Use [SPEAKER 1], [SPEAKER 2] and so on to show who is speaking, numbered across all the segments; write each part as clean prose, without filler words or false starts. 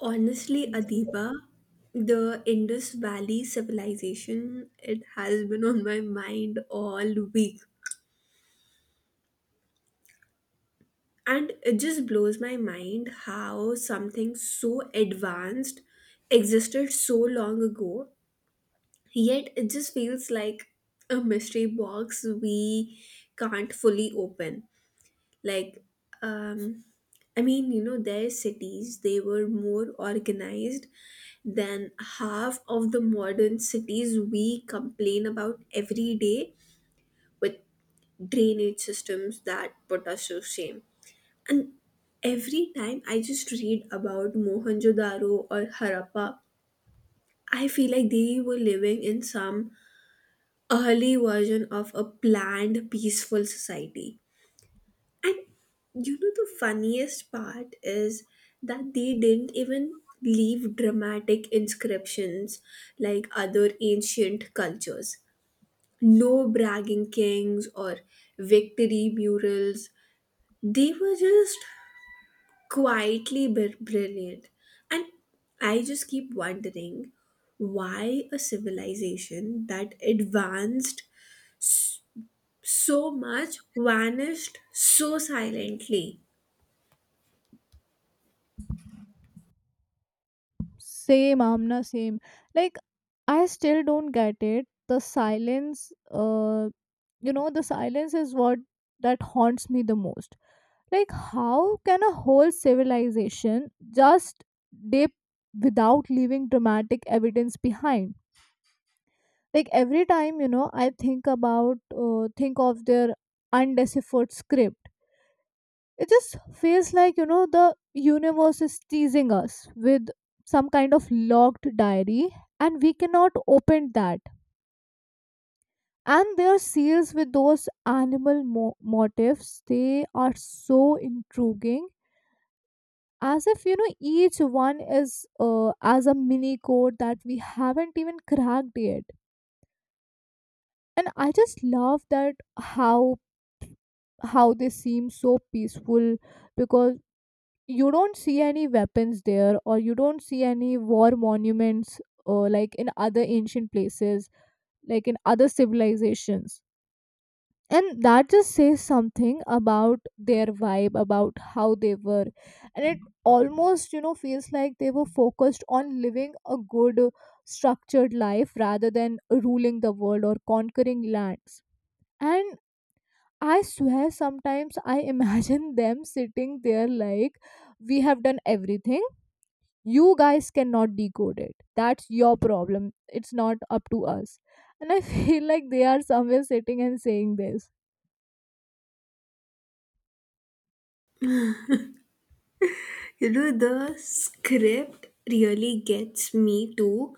[SPEAKER 1] Honestly, Adiba, the Indus Valley civilization, it has been on my mind all week. And it just blows my mind how something so advanced existed so long ago, yet it just feels like a mystery box we can't fully open. like um I mean, their cities, they were more organized than half of the modern cities we complain about every day, with drainage systems that put us to shame. And every time I just read about Mohenjo-daro or Harappa, I feel like they were living in some early version of a planned peaceful society. And the funniest part is that they didn't even leave dramatic inscriptions like other ancient cultures. No bragging kings or victory murals. They were just brilliant. And I just keep wondering why a civilization that advanced so much vanished so silently.
[SPEAKER 2] Same, Amna, same. Like, I still don't get it. The silence is what that haunts me the most. Like, how can a whole civilization just dip without leaving dramatic evidence behind? Like, every time, I think about, think of their undeciphered script. It just feels like the universe is teasing us with some kind of locked diary, and we cannot open that. And their seals with those animal motifs, they are so intriguing, as if each one is, as a mini code that we haven't even cracked yet. And I just love that, how how they seem so peaceful, because you don't see any weapons there, or you don't see any war monuments, like in other ancient places, like in other civilizations. And that just says something about their vibe, about how they were. And it almost feels like they were focused on living a good, structured life rather than ruling the world or conquering lands. And I swear, sometimes I imagine them sitting there like, we have done everything, you guys cannot decode it, that's your problem, it's not up to us. And I feel like they are somewhere sitting and saying this.
[SPEAKER 1] You know, the script really gets me, to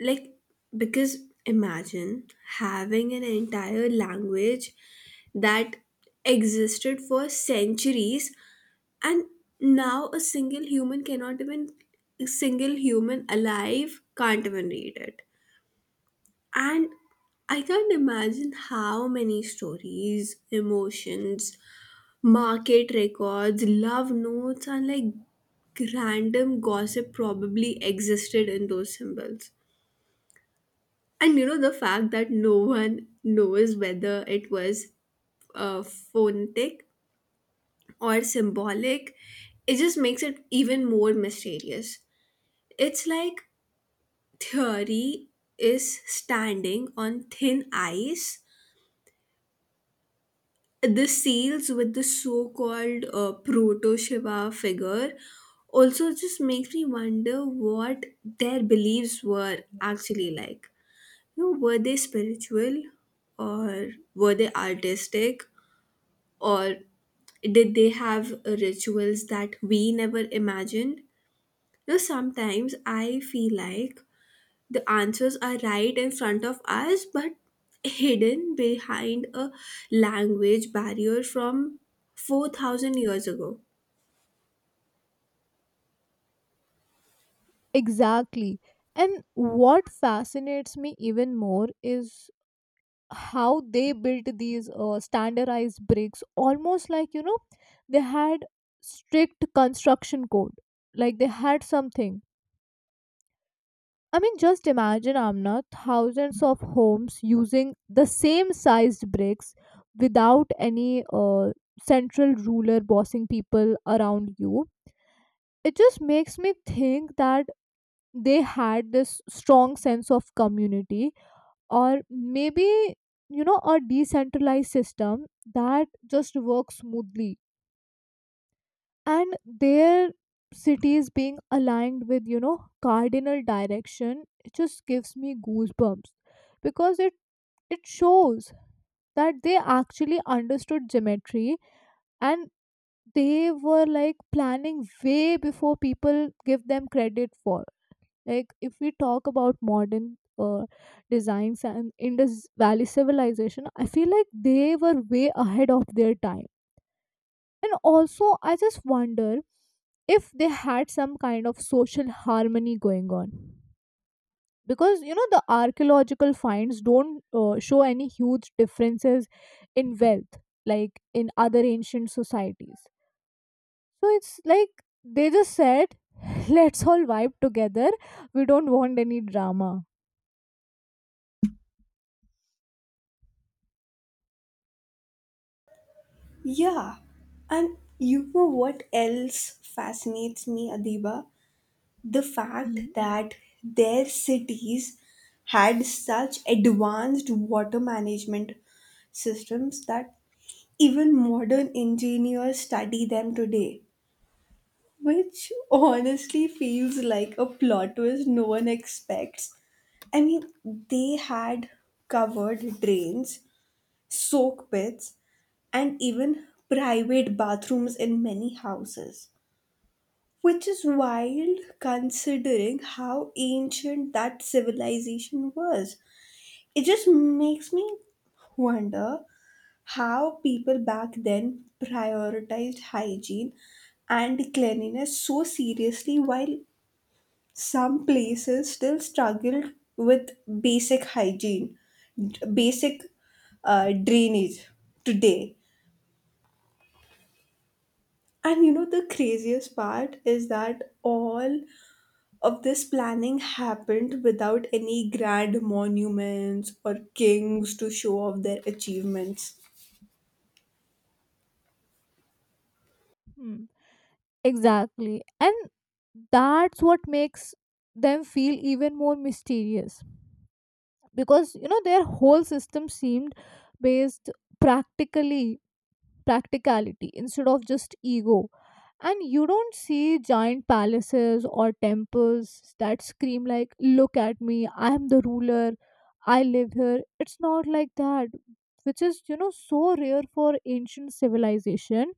[SPEAKER 1] like, because imagine having an entire language that existed for centuries, and now a single human alive can't even read it. And I can't imagine how many stories, emotions, market records, love notes, and like random gossip probably existed in those symbols. And you know, the fact that no one knows whether it was phonetic or symbolic, it just makes it even more mysterious. It's like theory is standing on thin ice. The sales with the so-called proto Shiva figure also just makes me wonder what their beliefs were actually like. You know, were they spiritual, or were they artistic, or did they have rituals that we never imagined? You know, sometimes I feel like the answers are right in front of us but hidden behind a language barrier from 4000 years ago.
[SPEAKER 2] Exactly. And what fascinates me even more is how they built these, standardized bricks, almost like, they had strict construction code. Like, they had something. I mean, just imagine, Amna, thousands of homes using the same sized bricks without any, central ruler bossing people around you. It just makes me think that they had this strong sense of community, or maybe, a decentralized system that just works smoothly. And their cities being aligned with, cardinal direction, it just gives me goosebumps, because it shows that they actually understood geometry, and they were like planning way before people give them credit for. Like, if we talk about modern, designs and Indus Valley civilization, I feel like they were way ahead of their time. And also, I just wonder if they had some kind of social harmony going on, because the archaeological finds don't, show any huge differences in wealth like in other ancient societies. So it's like they just said, let's all vibe together, we don't want any drama.
[SPEAKER 1] Yeah, and you know what else fascinates me, Adiba? The fact
[SPEAKER 2] Mhm.
[SPEAKER 1] that their cities had such advanced water management systems that even modern engineers study them today. Which honestly feels like a plot twist no one expects. I mean, they had covered drains, soak pits, and even private bathrooms in many houses. Which is wild considering how ancient that civilization was. It just makes me wonder how people back then prioritized hygiene and cleanliness so seriously while some places still struggle with basic hygiene, basic drainage today. And you know, the craziest part is that all of this planning happened without any grand monuments or kings to show off their achievements.
[SPEAKER 2] Hmm. Exactly. And that's what makes them feel even more mysterious, because their whole system seemed based, practically practicality instead of just ego. And you don't see giant palaces or temples that scream, like, look at me, I am the ruler, I live here. It's not like that, which is, so rare for ancient civilization.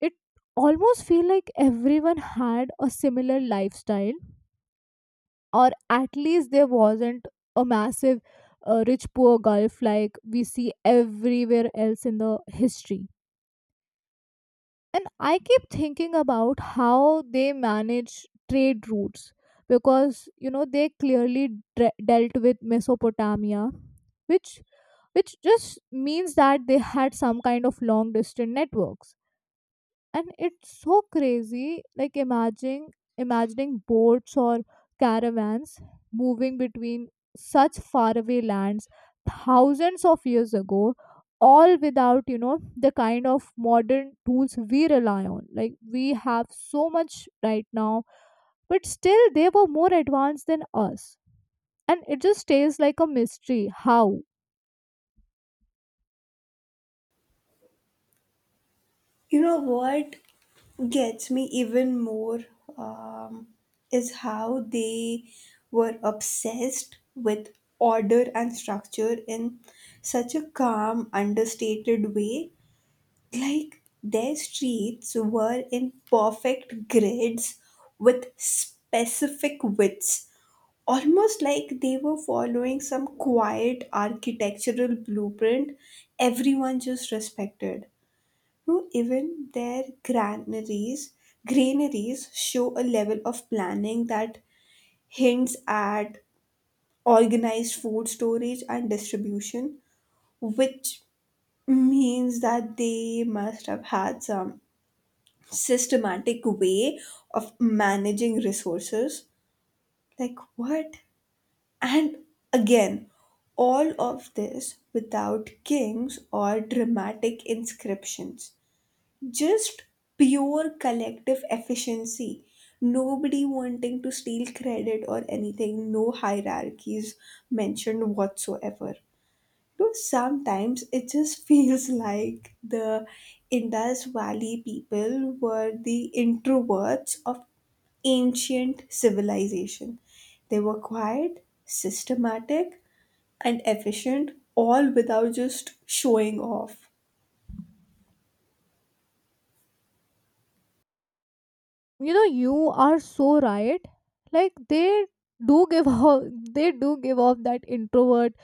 [SPEAKER 2] It almost feel like everyone had a similar lifestyle, or at least there wasn't a massive, rich poor gulf like we see everywhere else in the history. And I keep thinking about how they manage trade routes, because they clearly dealt with Mesopotamia, which which just means that they had some kind of long distance networks. And it's so crazy, like imagining boats or caravans moving between such faraway lands thousands of years ago, all without, the kind of modern tools we rely on, like we have so much right now, but still they were more advanced than us. And it just stays like a mystery how.
[SPEAKER 1] You know what gets me even more, um, is how they were obsessed with order and structure in such a calm, understated way. Like their streets were in perfect grids with specific widths, almost like they were following some quiet architectural blueprint everyone just respected. No, even their granaries show a level of planning that hints at organized food storage and distribution, which means that they must have had some systematic way of managing resources. Like what? And again, all of this without kings or dramatic inscriptions, just pure collective efficiency, nobody wanting to steal credit or anything, no hierarchies mentioned whatsoever. No, sometimes it just feels like the Indus Valley people were the introverts of ancient civilization. They were quiet, systematic, and efficient, all without just showing off.
[SPEAKER 2] You know, you are so right. Like, they do give off, they do give off that introvert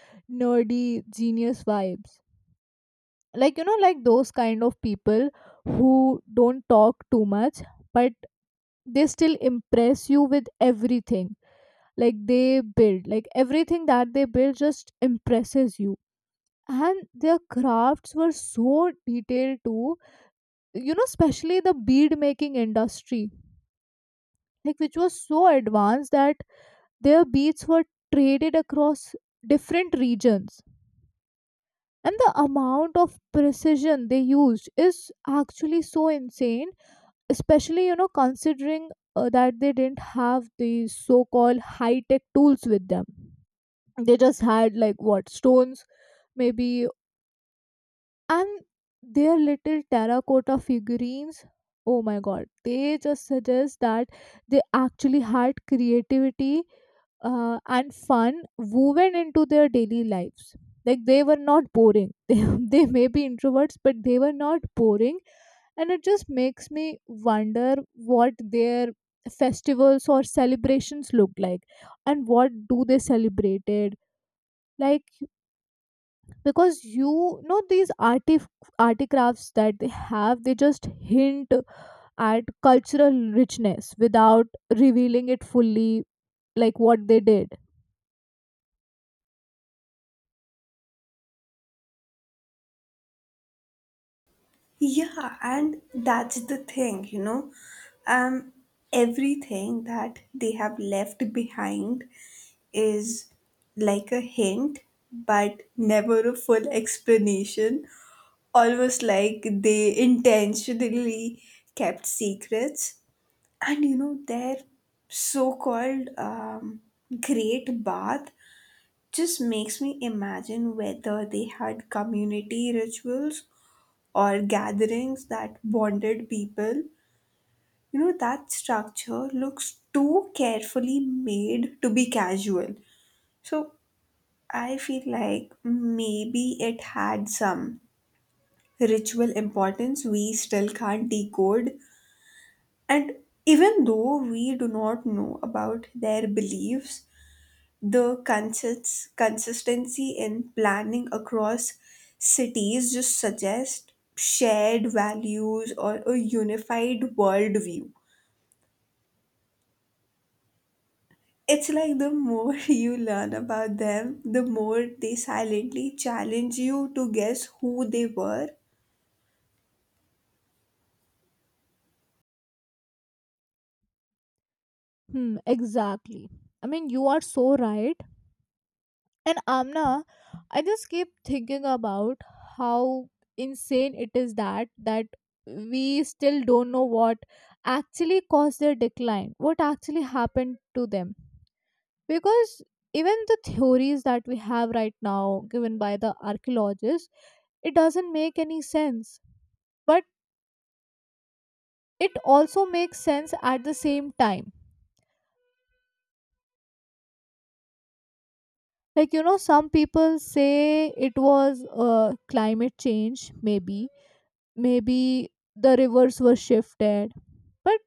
[SPEAKER 2] nerdy genius vibes, like, those kind of people who don't talk too much, but they still impress you with everything. Like, everything that they build just impresses you. And their crafts were so detailed too, especially the bead making industry, like, which was so advanced that their beads were traded across different regions. And the amount of precision they used is actually so insane, especially, considering, that they didn't have these so called high tech tools with them. They just had, like, what, stones, maybe. And their little terracotta figurines, oh my god, they just suggest that they actually had creativity, and fun woven into their daily lives. Like, they were not boring. They may be introverts, but they were not boring. And it just makes me wonder what their festivals or celebrations looked like, and what do they celebrated. Like, because these articrafts that they have, they just hint at cultural richness without revealing it fully, like what they did.
[SPEAKER 1] Yeah, and that's the thing, you know. Um, Everything that they have left behind is like a hint, but never a full explanation. Almost like they intentionally kept secrets. And you know, their so called great bath just makes me imagine whether they had community rituals or gatherings that bonded people. You know, that structure looks too carefully made to be casual. So I feel like maybe it had some ritual importance we still can't decode. And even though we do not know about their beliefs, the consistency in planning across cities just suggests shared values or a unified worldview. It's like the more you learn about them, the more they silently challenge you to guess who they were.
[SPEAKER 2] Hmm, exactly. I mean, you are so right. And, Amna, I just keep thinking about how insane it is that we still don't know what actually caused their decline, what actually happened to them, because even the theories that we have right now given by the archaeologists, it doesn't make any sense, but it also makes sense at the same time. Like, some people say it was, climate change, maybe the rivers were shifted. But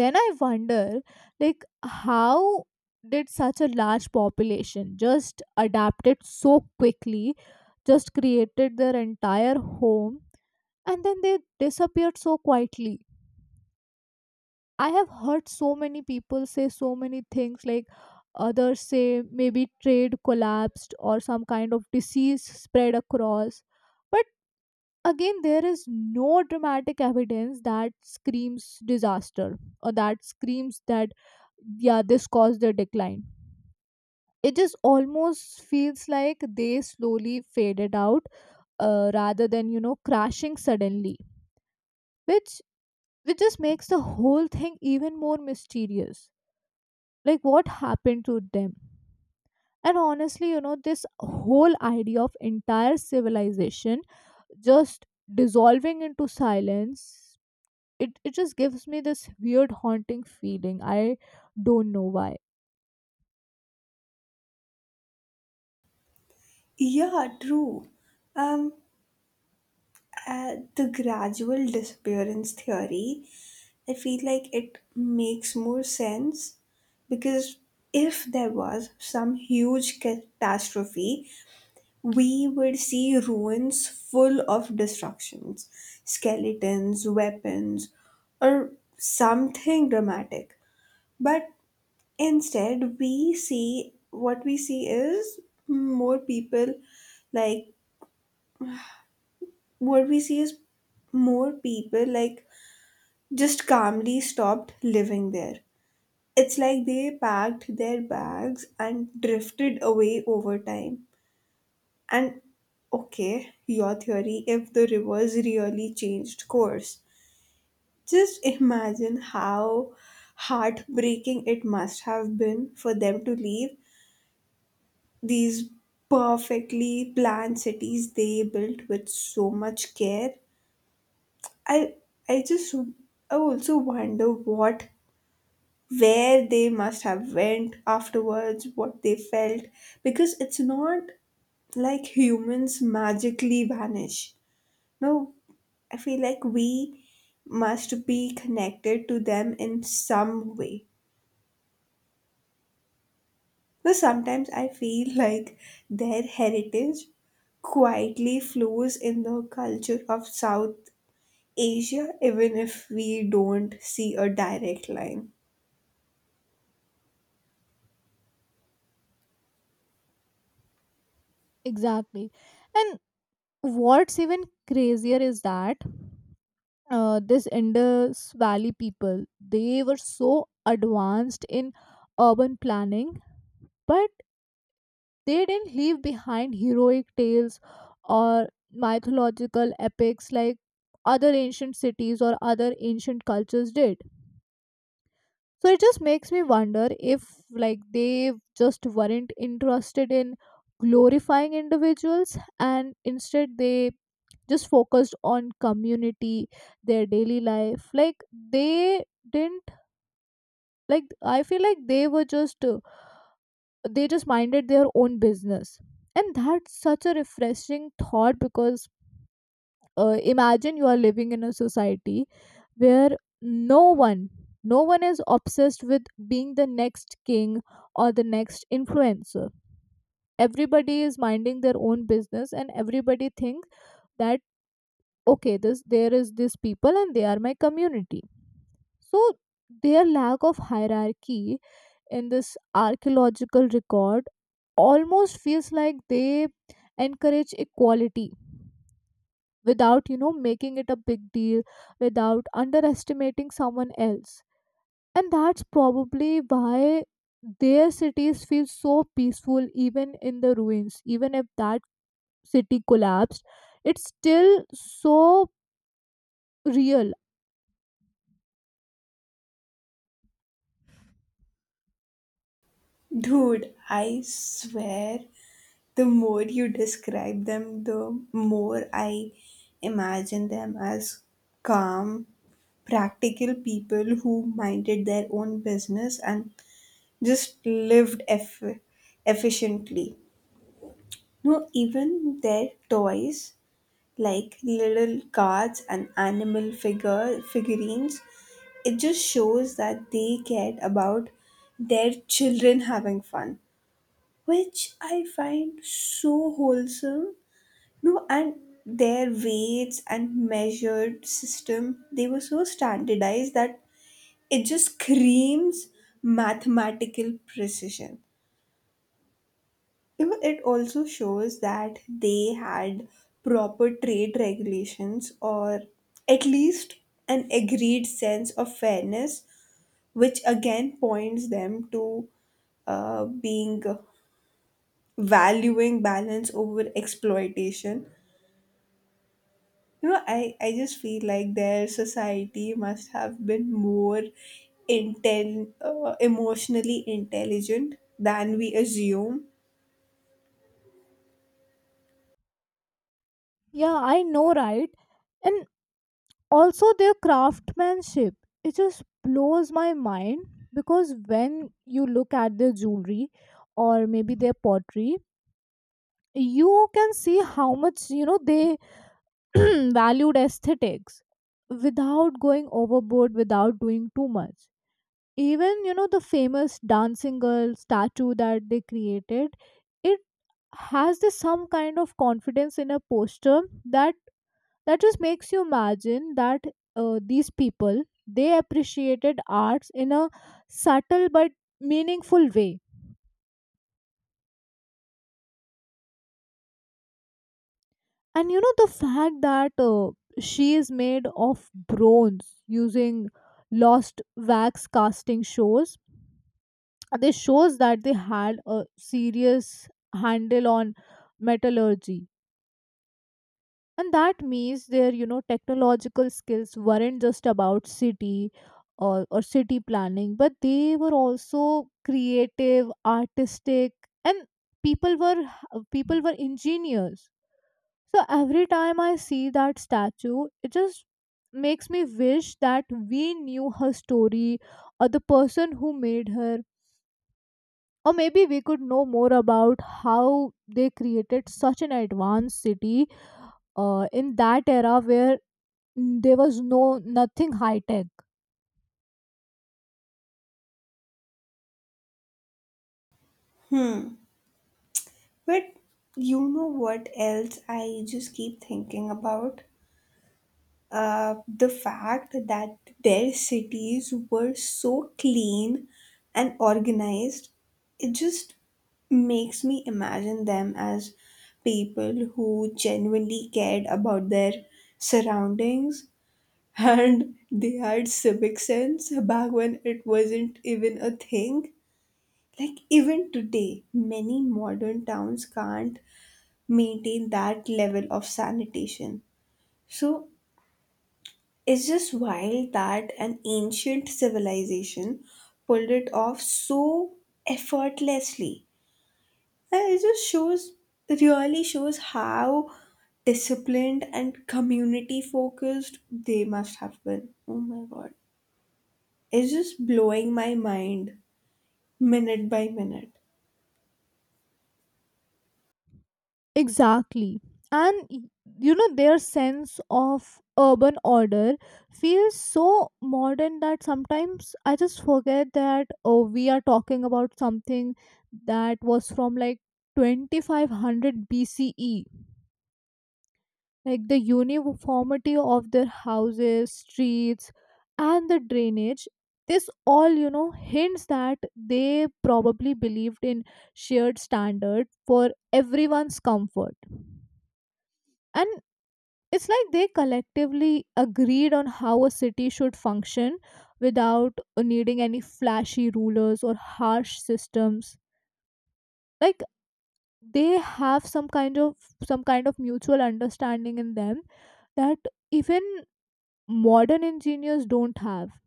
[SPEAKER 2] then I wonder, like, how did such a large population just adapted so quickly, just created their entire home, and then they disappeared so quietly. I have heard so many people say so many things, like, others say maybe trade collapsed or some kind of disease spread across. But again, there is no dramatic evidence that screams disaster, or that screams that, yeah, this caused the decline. It just almost feels like they slowly faded out, rather than, crashing suddenly, which which just makes the whole thing even more mysterious. Like, what happened to them? And honestly, this whole idea of entire civilization just dissolving into silence, it just gives me this weird, haunting feeling. I don't know why.
[SPEAKER 1] Yeah, true. Um, the gradual disappearance theory, I feel like it makes more sense, because if there was some huge catastrophe, we would see ruins full of destructions, skeletons, weapons, or something dramatic. But instead, we see, more people like what we see is more people like just calmly stopped living there. It's like they packed their bags and drifted away over time. And okay, your theory, if the rivers really changed course. Just imagine how heartbreaking it must have been for them to leave these perfectly planned cities they built with so much care. I I just I also wonder what, where they must have went afterwards, what they felt, because it's not like humans magically vanish. No, I feel like we must be connected to them in some way. So sometimes I feel like their heritage quietly flows in the culture of South Asia, even if we don't see a direct line.
[SPEAKER 2] Exactly. And what's even crazier is that, this Indus Valley people, they were so advanced in urban planning, but they didn't leave behind heroic tales or mythological epics like other ancient cities or other ancient cultures did. So it just makes me wonder if, like, they just weren't interested in glorifying individuals, and instead they just focused on community, their daily life. Like, they didn't. Like, I feel like they just minded their own business. And that's such a refreshing thought, because, imagine you are living in a society where no one no one is obsessed with being the next king or the next influencer. Everybody is minding their own business, and everybody thinks that, okay, this there is this people, and they are my community. So their lack of hierarchy in this archaeological record almost feels like they encourage equality without, making it a big deal, without underestimating someone else. And that's probably why their cities feel so peaceful even in the ruins, even if that city collapsed, it's still so real.
[SPEAKER 1] Dude, I swear the more you describe them, the more I imagine them as calm, practical people who minded their own business and just efficiently. No, even their toys, like little cards and animal figure figurines, it just shows that they cared about their children having fun, which I find so wholesome. No, and their weights and measured system, they were so standardized that it just screams mathematical precision. You know, it also shows that they had proper trade regulations, or at least an agreed sense of fairness, which again points them to being valuing balance over exploitation. You know, I just feel like their society must have been more intel emotionally intelligent than we assume.
[SPEAKER 2] Yeah, I know, right? And also their craftsmanship, it just blows my mind, because when you look at their jewelry, or maybe their pottery, you can see how much, they valued aesthetics, without going overboard, without doing too much. Even, the famous dancing girl statue that they created, it has this some kind of confidence in a posture that just makes you imagine that, these people, they appreciated arts in a subtle but meaningful way. And the fact that, she is made of bronze using lost wax casting shows that they had a serious handle on metallurgy. And that means their, technological skills weren't just about city, or city planning, but they were also creative, artistic, and people were people were engineers. So every time I see that statue, it just makes me wish that we knew her story, or the person who made her, or maybe we could know more about how they created such an advanced city, in that era where there was no nothing high tech.
[SPEAKER 1] Hmm. But you know what else I just keep thinking about? The fact that their cities were so clean and organized, it just makes me imagine them as people who genuinely cared about their surroundings, and they had civic sense back when it wasn't even a thing. Like, even today, many modern towns can't maintain that level of sanitation. So, it's just wild that an ancient civilization pulled it off so effortlessly. And it just shows, it really shows how disciplined and community focused they must have been. Oh my god. It's just blowing my mind minute by minute.
[SPEAKER 2] Exactly. And their sense of urban order feels so modern that sometimes I just forget that, oh, we are talking about something that was from, like, 2500 BCE. Like, the uniformity of their houses, streets, and the drainage, this all hints that they probably believed in shared standard for everyone's comfort. And it's like they collectively agreed on how a city should function without needing any flashy rulers or harsh systems, like they have some kind of mutual understanding in them that even modern engineers don't have.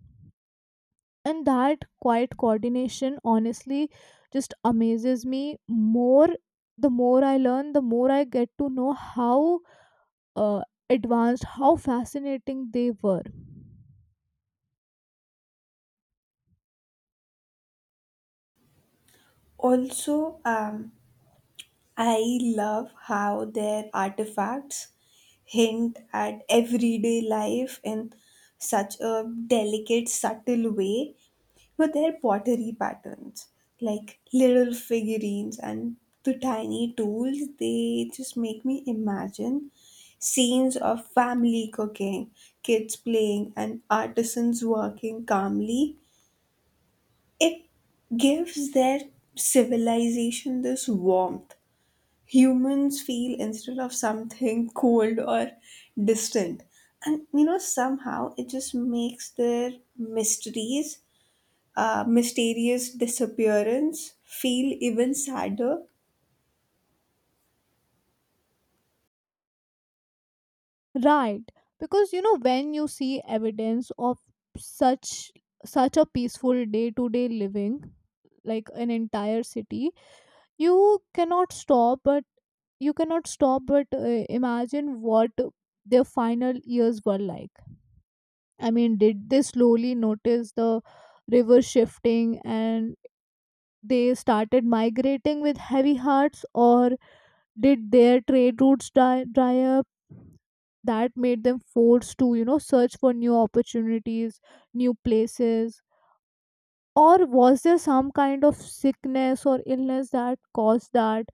[SPEAKER 2] And that quiet coordination, honestly, just amazes me more. The more I learn, the more I get to know how, uh, advanced, how fascinating they were.
[SPEAKER 1] Also, I love how their artifacts hint at everyday life in such a delicate, subtle way, with their pottery patterns, like little figurines and the tiny tools. They just make me imagine scenes of family cooking, kids playing, and artisans working calmly. It gives their civilization this warmth humans feel instead of something cold or distant. And you know somehow it just makes their mysteries mysterious disappearance feel even sadder.
[SPEAKER 2] Right. Because when you see evidence of such such a peaceful day to day living, like an entire city, you cannot stop but imagine what their final years were like. I mean, did they slowly notice the river shifting and they started migrating with heavy hearts? Or did their trade routes dry up, that made them forced to, search for new opportunities, new places? Or was there some kind of sickness or illness that caused that?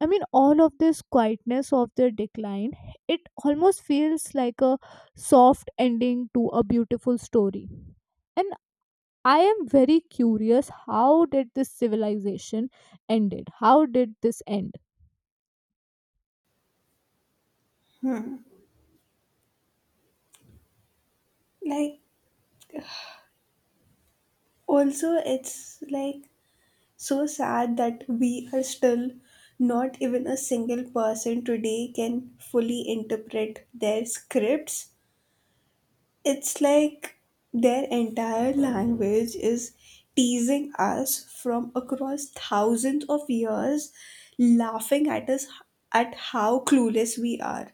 [SPEAKER 2] I mean, all of this quietness of their decline, it almost feels like a soft ending to a beautiful story. And I am very curious, how did this civilization ended? How did this end?
[SPEAKER 1] Like, also it's like so sad that we are still, not even a single person today can fully interpret their scripts. It's like their entire language is teasing us from across thousands of years, laughing at us at how clueless we are.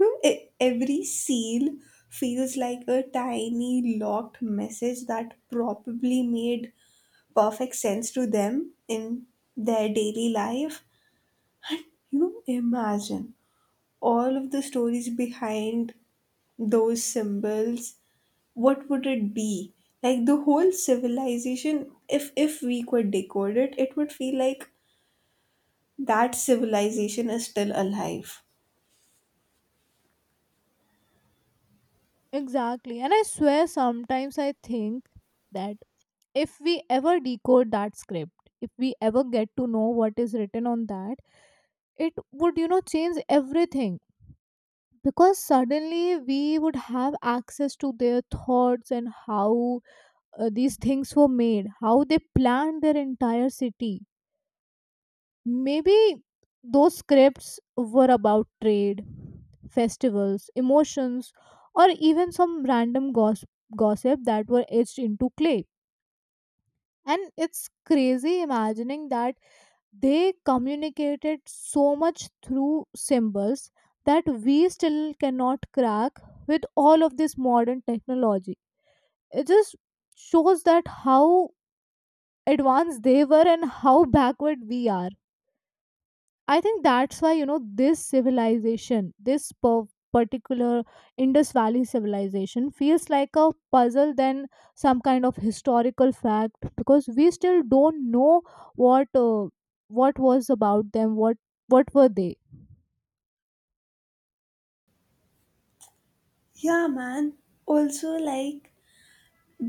[SPEAKER 1] Hmm, every seal feels like a tiny locked message that probably made perfect sense to them in their daily life. And you know, imagine all of the stories behind those symbols, what would it be like, the whole civilization, if we could decode it, it would feel like that civilization is still alive.
[SPEAKER 2] Exactly. And I swear sometimes I think that if we ever decode that script, if we ever get to know what is written on that, it would, change everything, because suddenly we would have access to their thoughts and how, these things were made, how they planned their entire city. Maybe those scripts were about trade, festivals, emotions, or even some random gossip that were etched into clay. And it's crazy imagining that they communicated so much through symbols that we still cannot crack with all of this modern technology. It just shows that how advanced they were and how backward we are. I think that's why, this civilization, this particular Indus Valley civilization feels like a puzzle than some kind of historical fact, because we still don't know what uh, what was about them, what were they.
[SPEAKER 1] Yeah man, also like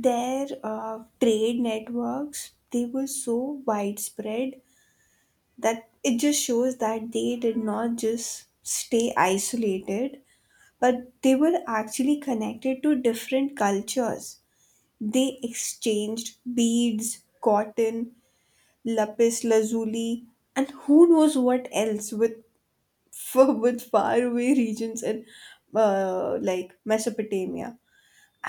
[SPEAKER 1] their trade networks, they were so widespread that it just shows that they did not just stay isolated, but they were actually connected to different cultures. They exchanged beads, cotton, lapis lazuli, and who knows what else, with with faraway regions in, like Mesopotamia.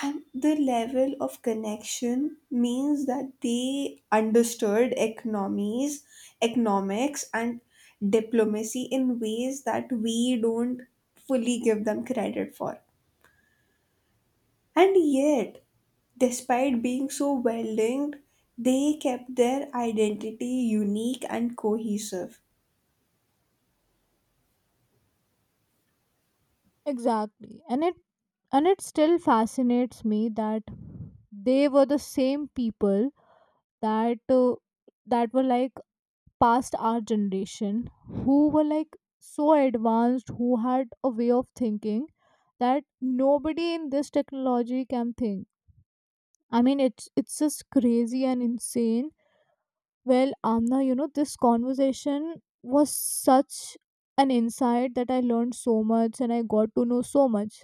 [SPEAKER 1] And the level of connection means that they understood economies, economics, and diplomacy in ways that we don't fully give them credit for. And yet, despite being so well linked, they kept their identity unique and cohesive.
[SPEAKER 2] Exactly, and it still fascinates me that they were the same people that uh, that were like past our generation, who were like so advanced, who had a way of thinking that nobody in this technology can think. I mean, it's just crazy and insane. Well, Amna, this conversation was such an insight that I learned so much, and I got to know so much.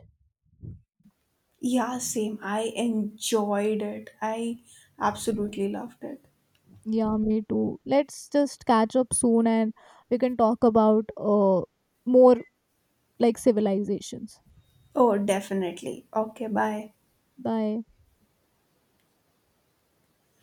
[SPEAKER 1] Yeah, same. I enjoyed it. I absolutely loved it.
[SPEAKER 2] Yeah, me too. Let's just catch up soon, and we can talk about more like civilizations.
[SPEAKER 1] Oh, definitely. Okay, bye.
[SPEAKER 2] Bye.